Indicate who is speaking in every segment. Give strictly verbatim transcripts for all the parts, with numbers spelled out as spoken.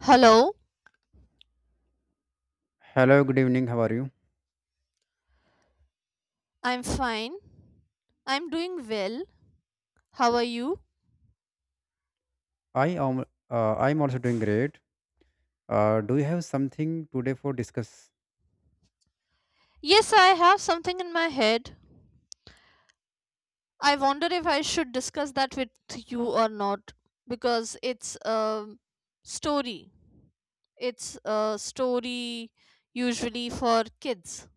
Speaker 1: Hello,
Speaker 2: Hello, good evening. How are you?
Speaker 1: I'm fine. I'm doing well. How are you?
Speaker 2: I am. Uh, I'm also doing great. Uh, do you have something today for discuss?
Speaker 1: Yes, I have something in my head. I wonder if I should discuss that with you or not because it's a story. It's a story usually for kids.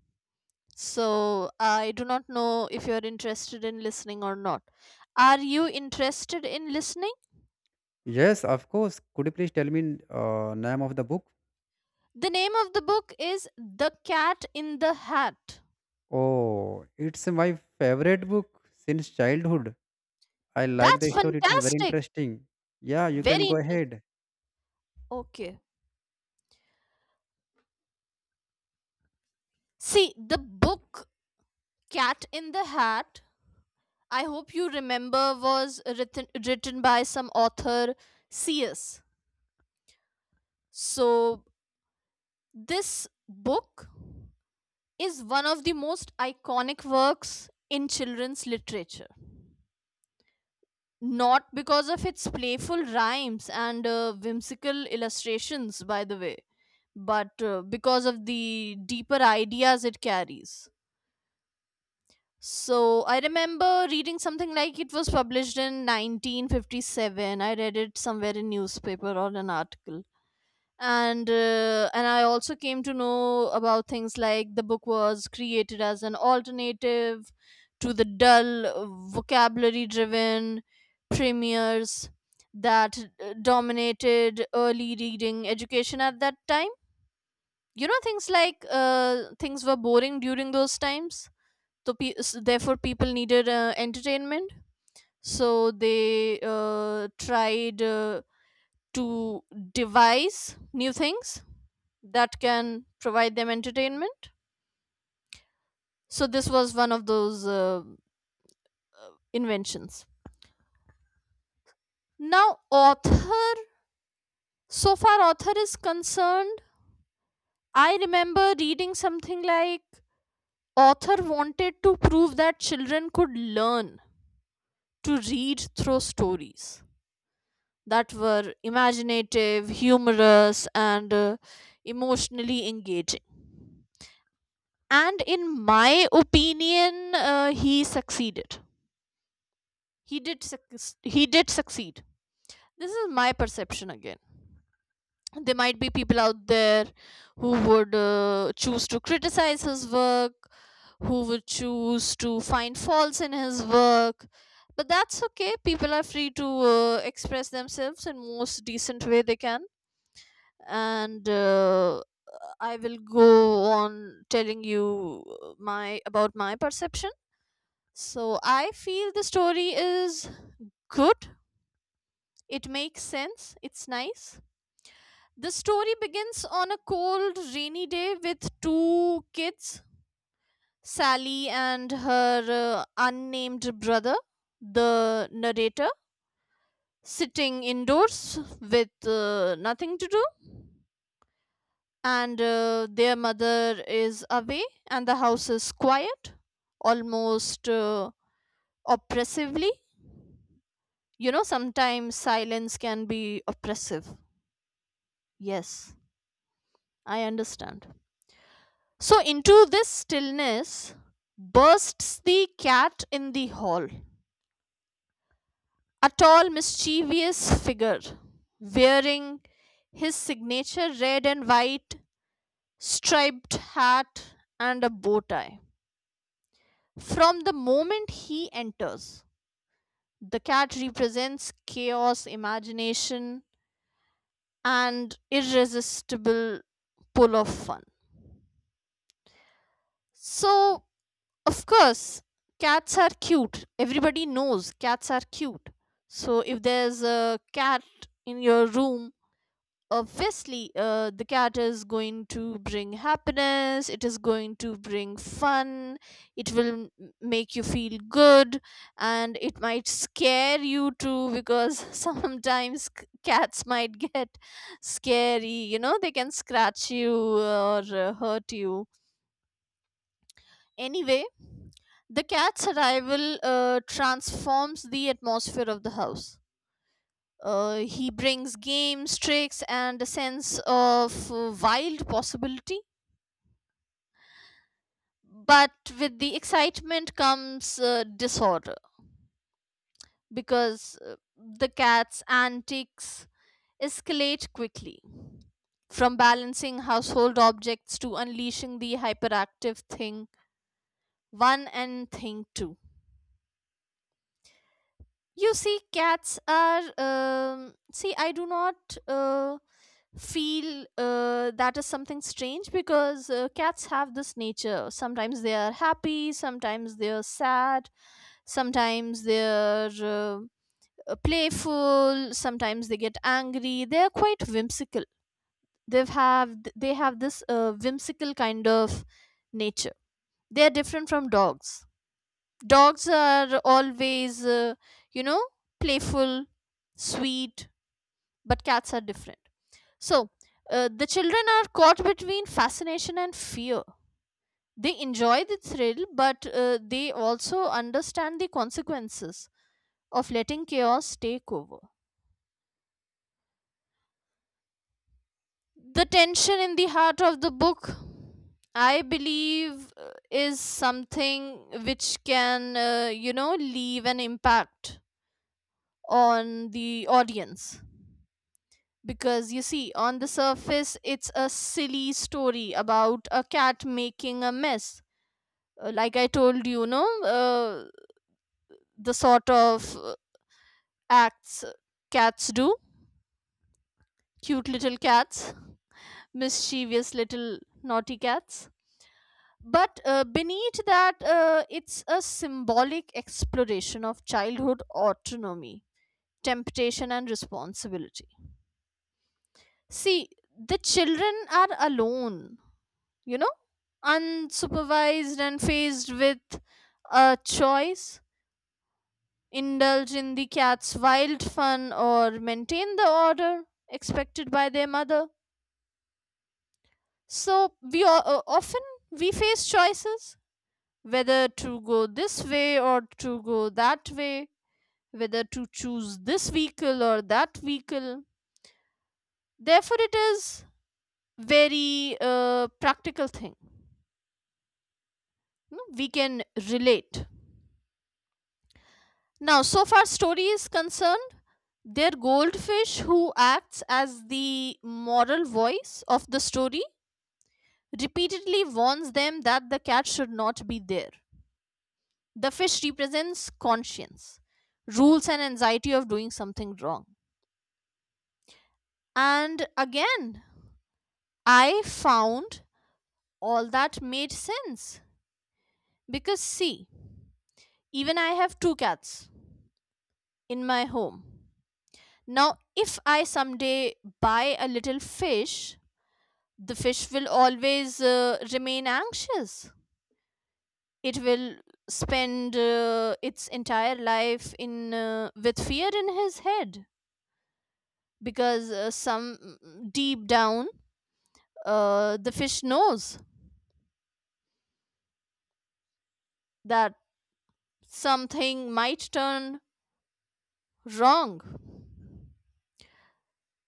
Speaker 1: So I do not know if you're interested in listening or not. Are you interested in listening?
Speaker 2: Yes, of course. Could you please tell me uh, name of the book?
Speaker 1: The name of the book is The Cat in the Hat.
Speaker 2: Oh, it's my favorite book since childhood. I like the
Speaker 1: That's
Speaker 2: story. It is very
Speaker 1: fantastic.
Speaker 2: interesting. Yeah, you can
Speaker 1: Very
Speaker 2: go
Speaker 1: interesting.
Speaker 2: ahead.
Speaker 1: Okay. See, the book Cat in the Hat, I hope you remember, was written, written by some author, C S. So, this book is one of the most iconic works in children's literature. Not because of its playful rhymes and uh, whimsical illustrations, by the way, but uh, because of the deeper ideas it carries. So I remember reading something like it was published in nineteen fifty-seven. I read it somewhere in newspaper or an article. And uh, and I also came to know about things like the book was created as an alternative to the dull uh, vocabulary driven premiers that uh, dominated early reading education at that time. You know things like uh, things were boring during those times, so pe- s- therefore people needed uh, entertainment, so they uh, tried uh, to devise new things that can provide them entertainment. So this was one of those uh, inventions. Now, author, so far author is concerned, I remember reading something like author wanted to prove that children could learn to read through stories that were imaginative, humorous, and uh, emotionally engaging. And in my opinion, uh, he succeeded. He did suc- he did succeed. This is my perception again. There might be people out there who would uh, choose to criticize his work, who would choose to find faults in his work. But that's okay. People are free to uh, express themselves in most decent way they can, and uh, I will go on telling you uh, my about my perception. So I feel the story is good. It makes sense. It's nice. The story begins on a cold, rainy day with two kids, Sally and her uh, unnamed brother, the narrator, sitting indoors with uh, nothing to do. and uh, their mother is away, and the house is quiet, almost uh, oppressively. You know, sometimes silence can be oppressive. Yes, I understand. So into this stillness bursts the cat in the hall, a tall, mischievous figure wearing his signature red and white striped hat and a bow tie. From the moment he enters, the cat represents chaos, imagination, and irresistible pull of fun. So, of course, cats are cute. Everybody knows cats are cute. So, if there's a cat in your room, obviously uh, the cat is going to bring happiness, it is going to bring fun, it will m- make you feel good, and it might scare you too, because sometimes c- cats might get scary. You know, they can scratch you or uh, hurt you. Anyway, the cat's arrival uh, transforms the atmosphere of the house. Uh, he brings games, tricks, and a sense of uh, wild possibility. But with the excitement comes uh, disorder, because uh, the cat's antics escalate quickly. From balancing household objects to unleashing the hyperactive thing one and thing two. You see, cats are. Um, see, I do not uh, feel uh, that is something strange, because uh, cats have this nature. Sometimes they are happy, sometimes they are sad, sometimes they are uh, uh, playful, sometimes they get angry. They are quite whimsical. They've have they have this uh, whimsical kind of nature. They are different from dogs. Dogs are always, uh, you know, playful, sweet, but cats are different. So, uh, the children are caught between fascination and fear. They enjoy the thrill, but uh, they also understand the consequences of letting chaos take over. The tension in the heart of the book, I believe, uh, is something which can, uh, you know, leave an impact on the audience. Because you see, on the surface, it's a silly story about a cat making a mess. Uh, Like I told you, no, uh, the sort of uh, acts cats do, cute little cats, mischievous little naughty cats. But uh, beneath that, uh, it's a symbolic exploration of childhood autonomy, temptation, and responsibility. See, the children are alone, you know, unsupervised, and faced with a choice: indulge in the cat's wild fun or maintain the order expected by their mother. So, we o- o- often we face choices, whether to go this way or to go that way, whether to choose this vehicle or that vehicle. Therefore, it is very uh, practical thing. You know, we can relate. Now, so far story is concerned, their goldfish, who acts as the moral voice of the story, repeatedly warns them that the cat should not be there. The fish represents conscience, rules, and anxiety of doing something wrong. And again, I found all that made sense, because see, even I have two cats in my home. Now, if I someday buy a little fish, the fish will always uh, remain anxious. It will spend uh, its entire life in uh, with fear in his head, because uh, some mm, deep down uh, the fish knows that something might turn wrong.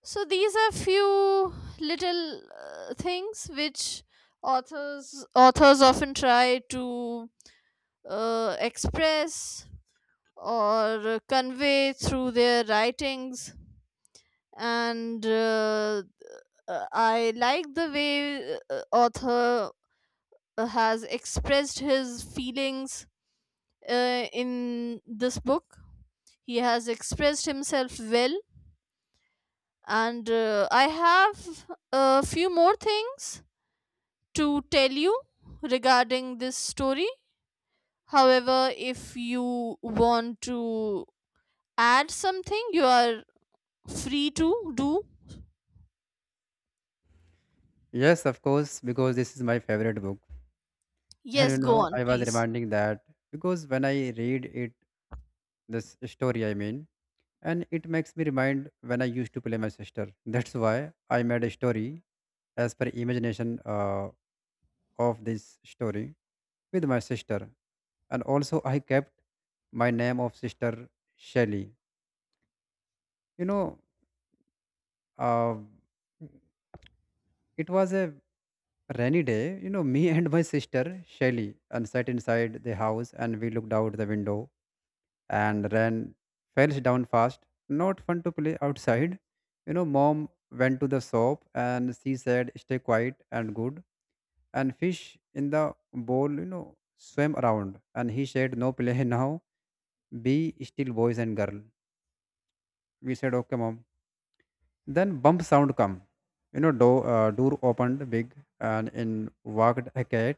Speaker 1: So these are few little uh, things which authors authors often try to uh, express or convey through their writings. And uh, uh, I like the way uh, author has expressed his feelings uh, in this book. He has expressed himself well, and uh, I have a few more things to tell you regarding this story. However, if you want to add something, you are free to do.
Speaker 2: Yes, of course, because this is my favorite book. And you
Speaker 1: Yes, go
Speaker 2: know,
Speaker 1: on,
Speaker 2: I was
Speaker 1: please.
Speaker 2: reminding that because when I read it, this story, I mean. And it makes me remind when I used to play my sister. That's why I made a story as per imagination uh, of this story with my sister, and also I kept my name of sister Shelly. You know, uh, it was a rainy day. You know, me and my sister Shelly and sat inside the house and we looked out the window and ran fell down fast. Not fun to play outside. You know, mom went to the shop and she said, stay quiet and good. And fish in the bowl, you know, swam around. And he said, no play now. Be still boys and girl. We said, okay, mom. Then bump sound come. You know, door, uh, door opened big and in walked a cat.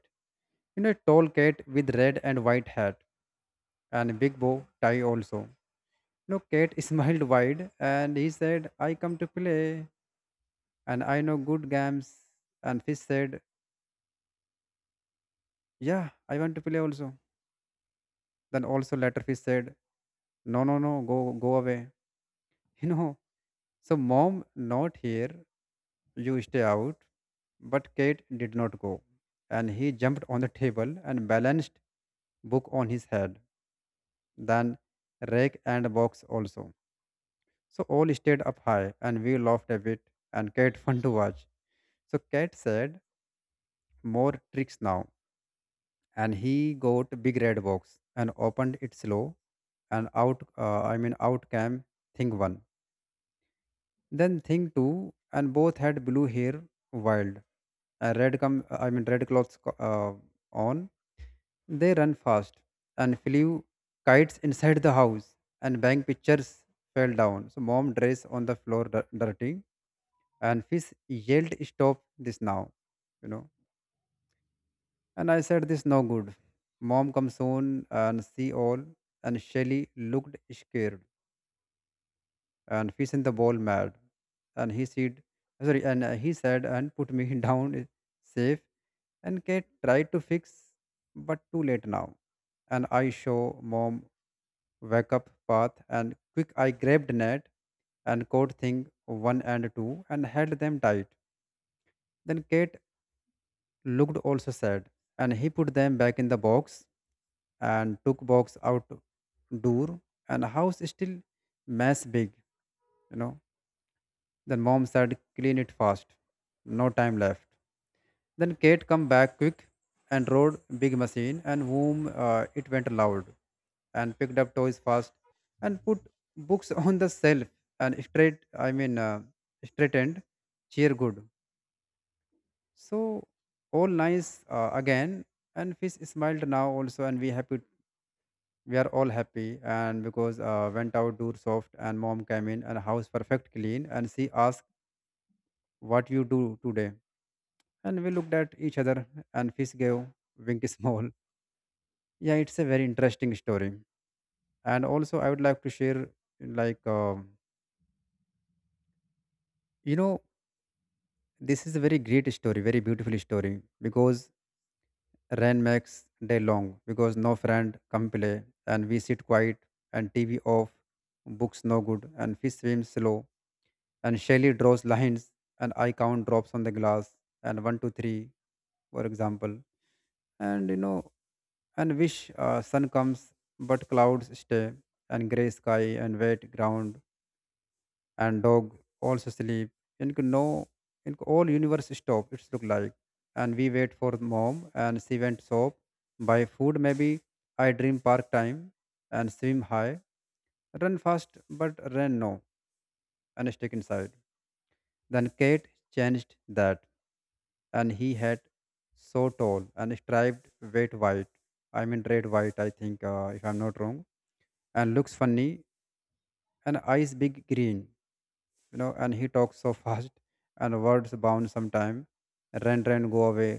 Speaker 2: You know, a tall cat with red and white hat and big bow tie also. No, Kate smiled wide and he said, I come to play and I know good games. And Fish said, yeah, I want to play also. Then also later Fish said, no, no, no, go go away. You know, so mom not here, you stay out. But Kate did not go. And he jumped on the table and balanced book on his head, then rake and box also. So all stayed up high and we laughed a bit and Kate fun to watch. So Kate said more tricks now and he got a big red box and opened it slow and out uh, I mean out came thing one, then thing two, and both had blue hair wild and red come I mean red clothes co- uh, on. They run fast and flew kites inside the house and bang pictures fell down, so mom dress on the floor dir- dirty, and fish yelled stop this now you know And I said, this no good. Mom comes soon and see all. And Shelly looked scared and fish in the bowl mad. And he said, sorry, and uh, he said, and put me down safe. And Kate tried to fix, but too late now. And I show mom wake up path and quick I grabbed net and caught thing one and two and held them tight. Then Kate looked also sad and he put them back in the box and took box out door, and house still mess big you know then mom said clean it fast, no time left. Then Kate come back quick and rode big machine, and whom uh, it went loud and picked up toys fast and put books on the shelf and straight i mean uh, straightened cheer good. So all nice uh, again, and fish smiled now also, and we happy. We are all happy, and because uh, went out door soft, and mom came in and house perfect clean, and she asked what you do today. And we looked at each other, and fish gave wink small. Yeah, it's a very interesting story. And also I would like to share, like uh, you know, this is a very great story, very beautiful story. Because rain makes day long because no friend come play, and we sit quiet, and tv off, books no good, and fish swims slow, and Shelley draws lines, and I count drops on the glass, and one, two, three, for example. And you know, and wish uh, sun comes, but clouds stay, and gray sky and wet ground, and dog also sleep. And could no, and could all universe stop. It's look like, and we wait for mom, and she went soap. Buy food maybe. I dream park time and swim high, run fast but run no, and stick inside. Then Kate changed that, and he had so tall and striped wet white I mean red white, I think, uh, if I'm not wrong, and looks funny, and eyes big green, you know, and he talks so fast, and words bound sometime, run run go away,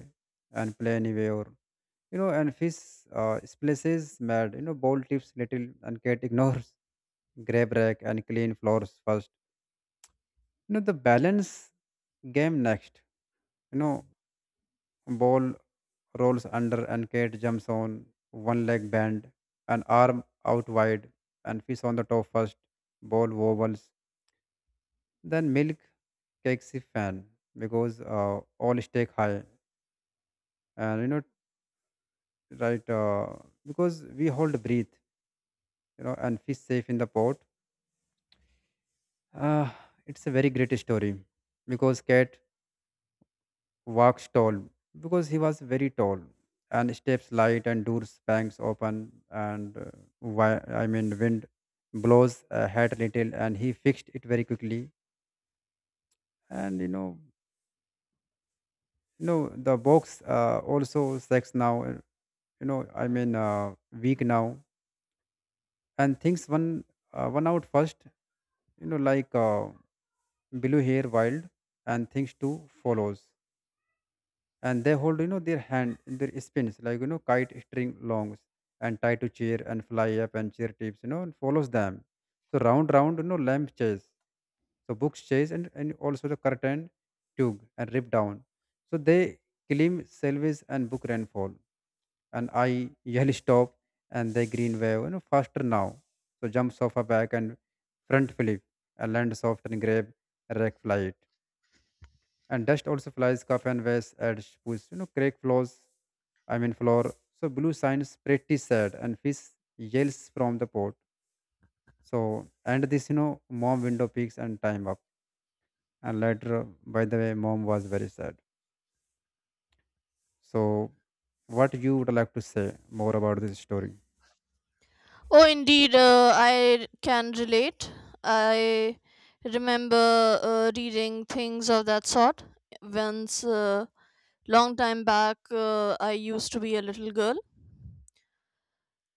Speaker 2: and play anyway. Or, you know, and fish uh, splashes mad, you know, ball tips little, and cat ignores, grab rack and clean floors first. You know, the balance game next, you know, ball rolls under, and Kate jumps on one leg bent, an arm out wide, and fish on the top first. Ball wobbles, then milk takes a fan because uh, all stake high, and, you know, right, uh, because we hold breath, you know, and fish safe in the pot. Uh, it's a very great story, because cat walks tall because he was very tall, and steps light, and doors bangs open, and uh, why I mean wind blows a hat little, and he fixed it very quickly. And you know, you know the box uh, also sex now, uh, you know, I mean, uh, weak now, and things one uh, one out first, you know, like uh, blue hair wild, and things two follows, and they hold, you know, their hand in their spins, like, you know, kite string longs, and tie to chair and fly up, and chair tips, you know, and follows them. So round round, you know, lamp chase, so books chase, and, and also the curtain tug and rip down. So they claim salvage and book rainfall, and I yell stop, and they green wave, you know, faster now. So jumps off a back and front flip and lands soft, and grab rack flight, and dust also flies cup and waste and push, you know, crack floors I mean floor So blue signs pretty sad, and fish yells from the pot. So and this, you know, mom window peaks and time up. And later, by the way, mom was very sad. So what you would like to say more about this story?
Speaker 1: Oh, indeed, uh, I can relate. I remember uh, reading things of that sort once, uh, long time back, uh, I used to be a little girl.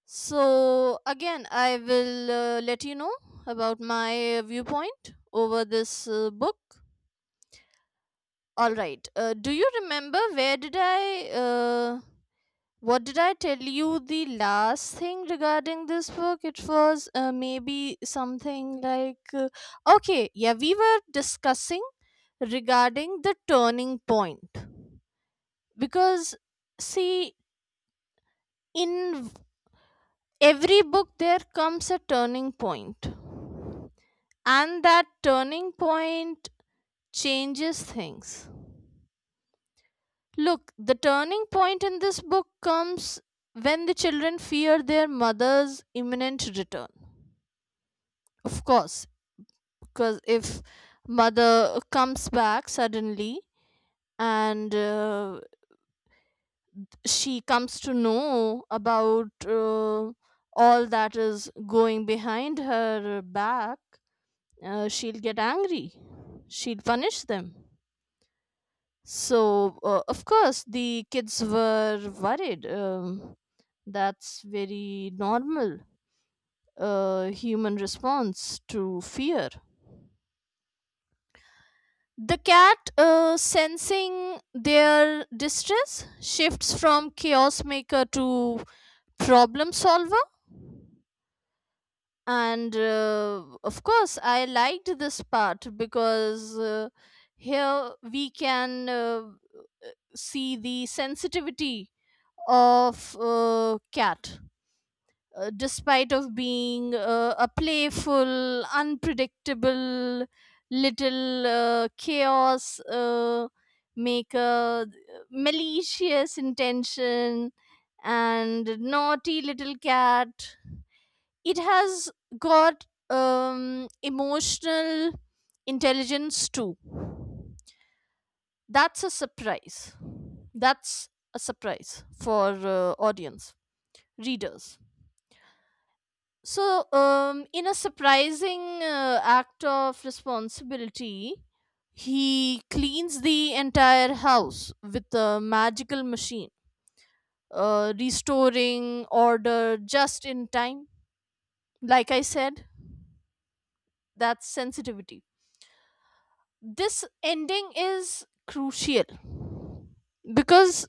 Speaker 1: So, again, I will uh, let you know about my viewpoint over this uh, book. All right. Uh, do you remember where did I uh, What did I tell you the last thing regarding this book? It was uh, maybe something like, uh, okay, yeah, we were discussing regarding the turning point. Because, see, in every book there comes a turning point, and that turning point changes things. Look, the turning point in this book comes when the children fear their mother's imminent return. Of course, because if mother comes back suddenly and uh, she comes to know about uh, all that is going behind her back, uh, she'll get angry. She'll punish them. So, uh, of course, the kids were worried. Um, that's very normal uh, human response to fear. The cat, uh, sensing their distress, shifts from chaos maker to problem solver. And uh, of course, I liked this part because uh, here we can uh, see the sensitivity of uh, cat. Uh, despite of being uh, a playful, unpredictable little uh, chaos uh, maker, malicious intention and naughty little cat, it has got um, emotional intelligence too. That's a surprise. That's a surprise for uh, audience, readers. So, um, in a surprising uh, act of responsibility, he cleans the entire house with a magical machine, uh, restoring order just in time. Like I said, that's sensitivity. This ending is crucial because,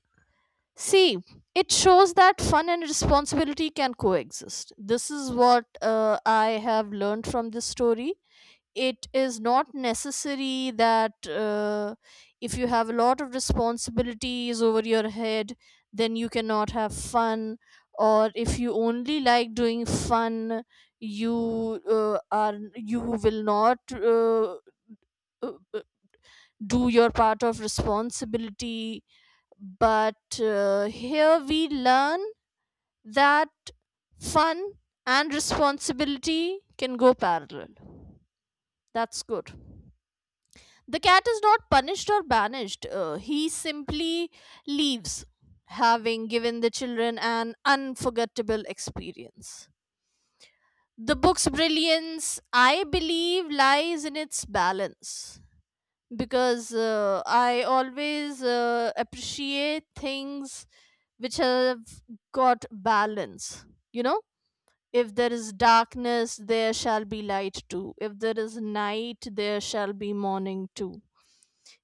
Speaker 1: see, it shows that fun and responsibility can coexist. This is what uh, I have learned from this story. It is not necessary that uh, if you have a lot of responsibilities over your head, then you cannot have fun. Or if you only like doing fun, you uh, are you will not uh, uh, uh, do your part of responsibility. But uh, here we learn that fun and responsibility can go parallel. That's good. The cat is not punished or banished, uh, he simply leaves, having given the children an unforgettable experience. The book's brilliance, I believe, lies in its balance, because uh, I always uh, appreciate things which have got balance. You know, if there is darkness, there shall be light too. If there is night, there shall be morning too.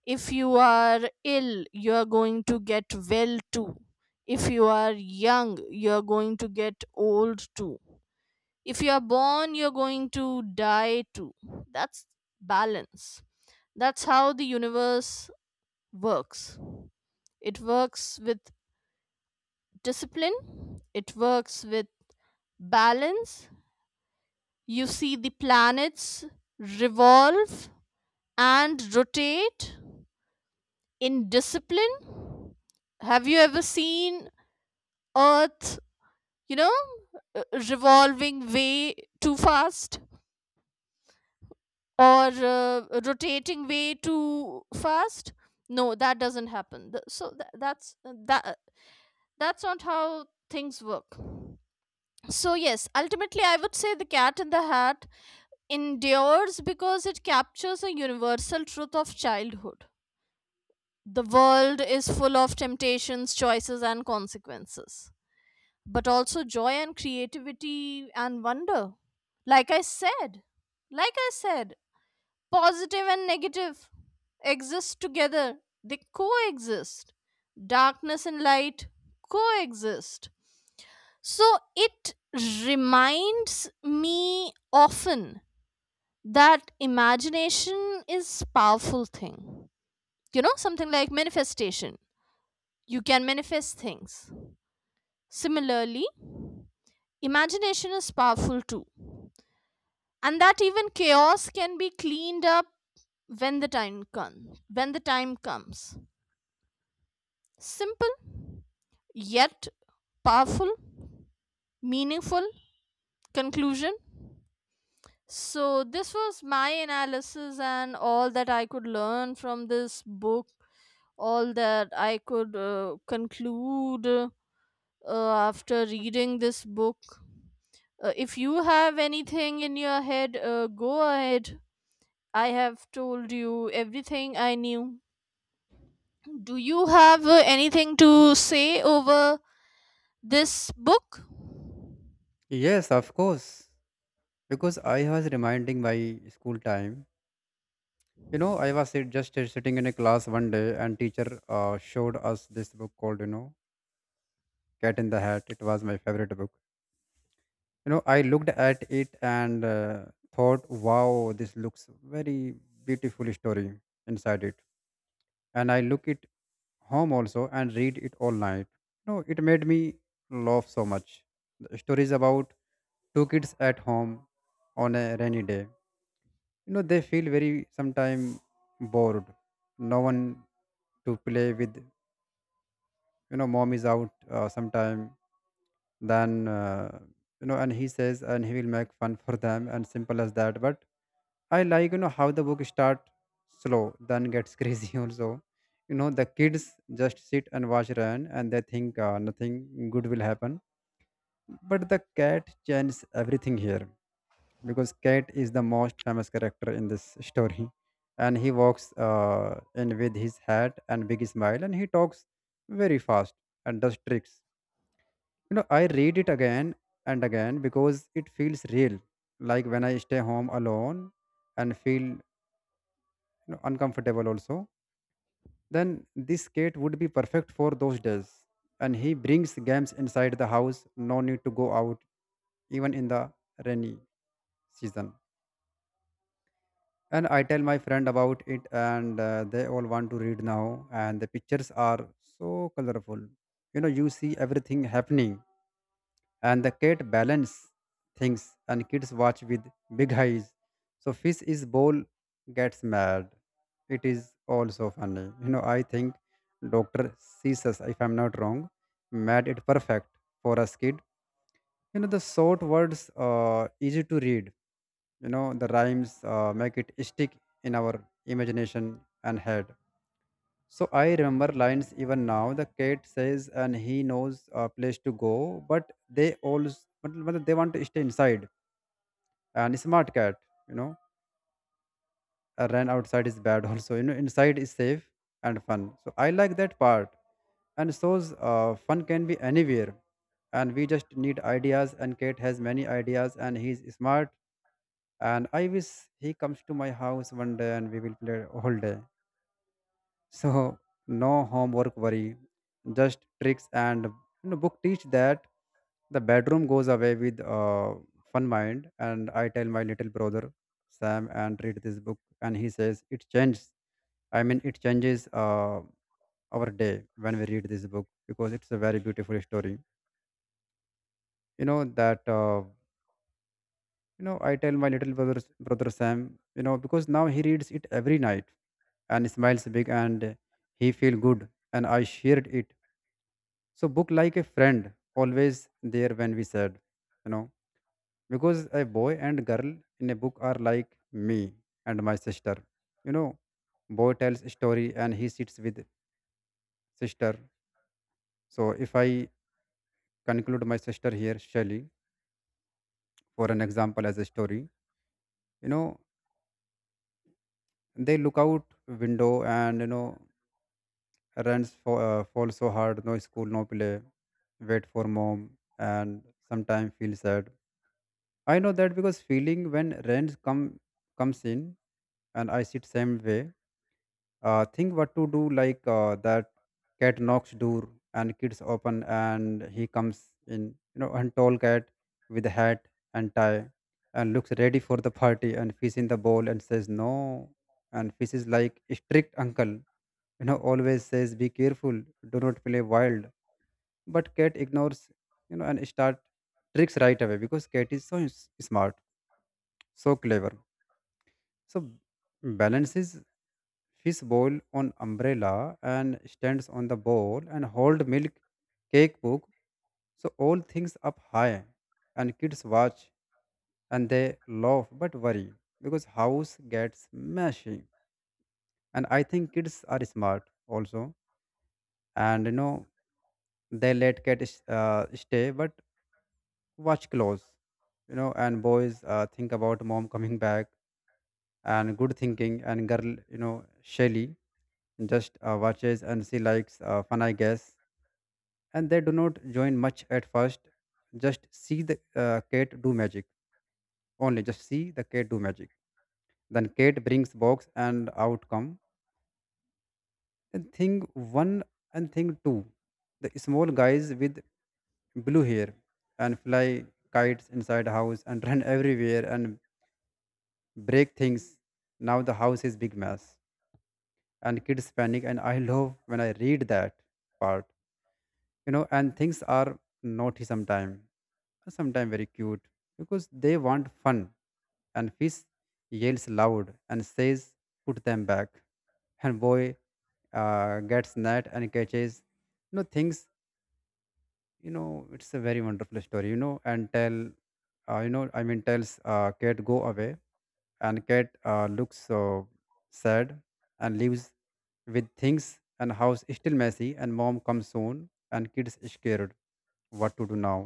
Speaker 1: If you are ill, you are going to get well too. If you are young, you are going to get old too. If you are born, you're going to die too. That's balance. That's how the universe works. It works with discipline, it works with balance. You see the planets revolve and rotate in discipline. Have you ever seen earth, you know, uh, revolving way too fast or uh, rotating way too fast? No, that doesn't happen. Th- so tha that's, that that's not how things work. So yes, ultimately I would say The Cat in the Hat endures because it captures a universal truth of childhood: the world is full of temptations, choices and consequences, but also joy and creativity and wonder. Like I said, like I said, positive and negative exist together, they coexist. Darkness and light coexist. So it reminds me often that imagination is powerful thing. You know, something like manifestation. You can manifest things. Similarly, imagination is powerful too, and that even chaos can be cleaned up when the time comes when the time comes simple yet powerful, meaningful conclusion. So this was my analysis and all that I could learn from this book, all that I could uh, conclude uh, after reading this book. Uh, if you have anything in your head, uh, go ahead. I have told you everything I knew. Do you have uh, anything to say over this book?
Speaker 2: Yes, of course. Because I was reminding my school time. You know, I was sit- just sit- sitting in a class one day, and teacher uh, showed us this book called, you know, Cat in the Hat. It was my favorite book. You know, I looked at it and uh, thought, wow, this looks very beautiful story inside it. And I look it home also and read it all night. You know, it made me laugh so much. The story is about two kids at home on a rainy day. You know, they feel very sometime bored. No one to play with. You know, mom is out uh, sometime, then uh, you know, and he says, and he will make fun for them, and simple as that. But I like, you know, how the book start slow then gets crazy also. You know, the kids just sit and watch ryan, and they think uh, nothing good will happen, but the cat changes everything here because cat is the most famous character in this story, and he walks uh, in with his hat and big smile, and he talks very fast and does tricks. You know, I read it again and again because it feels real, like when I stay home alone and feel, you know, uncomfortable also, then this cat would be perfect for those days. And he brings games inside the house, no need to go out, even in the rainy season. And I tell my friend about it, and uh, they all want to read now, and the pictures are so colorful. You know, you see everything happening, and the cat balance things, and kids watch with big eyes. So fish is bowl gets mad, it is also funny. You know, I think Dr. Ceases, if I'm not wrong, made it perfect for us kid. You know, the short words, uh easy to read, you know, the rhymes uh, make it stick in our imagination and head. So I remember lines even now. The cat says, and he knows a place to go, but they always, but, but they want to stay inside. And smart cat, you know, uh, ran outside is bad also. You know, inside is safe and fun. So I like that part. And shows uh, fun can be anywhere. And we just need ideas. And Kate has many ideas, and he's smart. And I wish he comes to my house one day, and we will play all day. So no homework worry, just tricks and, you know, book teach that the bedroom goes away with uh, fun mind. And I tell my little brother Sam and read this book, and he says it changes. I mean, it changes uh, our day when we read this book because it's a very beautiful story. You know that. Uh, you know, I tell my little brother, brother Sam, you know, because now he reads it every night and smiles big and he feel good and I shared it. So book like a friend, always there when we said, you know, because a boy and girl in a book are like me and my sister. You know, boy tells a story and he sits with sister. So if I conclude my sister here, Shelley, for an example as a story, you know, they look out window, and you know runs for uh, fall so hard, no school, no play, wait for mom, and sometimes feel sad. I know that because feeling when rent come comes in, and I sit same way, uh, think what to do like uh, that cat knocks door, and kids open and he comes in, you know, and tall cat with a hat and tie, and looks ready for the party, and fish in the bowl and says no, and fish is like a strict uncle, you know always says be careful, do not play wild, but cat ignores, you know and start tricks right away because cat is so s- smart, so clever. So balances fish bowl on umbrella and stands on the bowl and hold milk cake book. So all things up high, and kids watch and they laugh but worry because house gets messy. And I think kids are smart also. And you know they let cat is- uh, stay but watch close. You know and boys uh, think about mom coming back, and good thinking, and girl you know Shelly just uh, watches, and she likes uh, fun I guess, and they do not join much at first, just see the uh, cat do magic, only just see the cat do magic. Then Kate brings box, and outcome. Then thing one and thing two, the small guys with blue hair and fly kites inside house and run everywhere and break things. Now the house is big mess, and kids panic, and I love when I read that part. You know and things are naughty sometimes, sometimes very cute because they want fun. And fish yells loud and says put them back, and boy uh, gets net and catches you know things. You know it's a very wonderful story. You know and tell uh, you know I mean, tells uh, cat go away. And cat uh, looks so sad and leaves with things, and house still messy, and mom comes soon, and kids scared what to do now.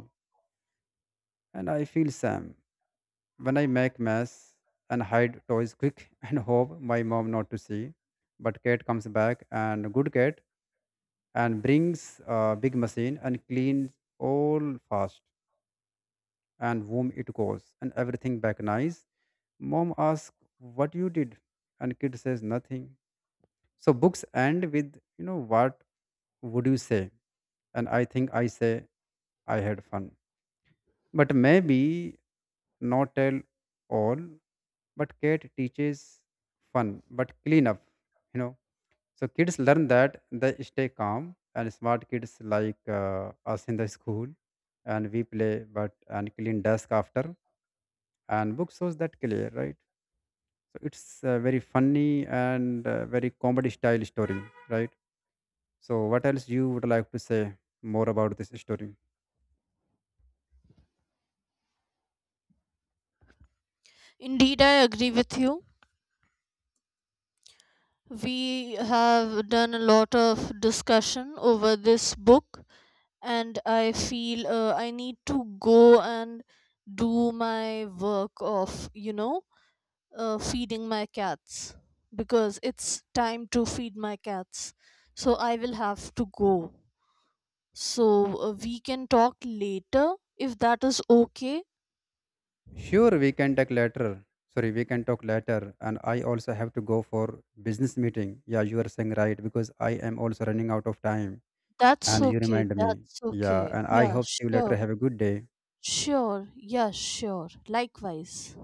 Speaker 2: And I feel Sam when I make mess and hide toys quick and hope my mom not to see. But cat comes back, and good cat, and brings a big machine and cleans all fast, and whom it goes, and everything back nice. Mom asks what you did, and kid says nothing. So books end with, you know, what would you say? And I think I say I had fun. But maybe not tell all, but Kate teaches fun, but clean up, you know. So kids learn that they stay calm, and smart kids like uh, us in the school, and we play but and clean desk after, and book shows that clear, right. So it's uh, very funny and uh, very comedy style story, right? So what else you would like to say more about this story?
Speaker 1: Indeed, I agree with you. We have done a lot of discussion over this book, and I feel uh, I need to go and do my work of, you know, uh, feeding my cats, because it's time to feed my cats. So I will have to go. So uh, we can talk later if that is okay.
Speaker 2: Sure, we can talk later. Sorry, we can talk later, and I also have to go for business meeting, yeah, you are saying right because I am also running out of time.
Speaker 1: That's
Speaker 2: And you
Speaker 1: okay.
Speaker 2: remind me,
Speaker 1: That's
Speaker 2: yeah,
Speaker 1: okay.
Speaker 2: and I
Speaker 1: Yeah,
Speaker 2: hope see you later.
Speaker 1: sure.
Speaker 2: Have a good day.
Speaker 1: Sure. Yeah, sure. Likewise.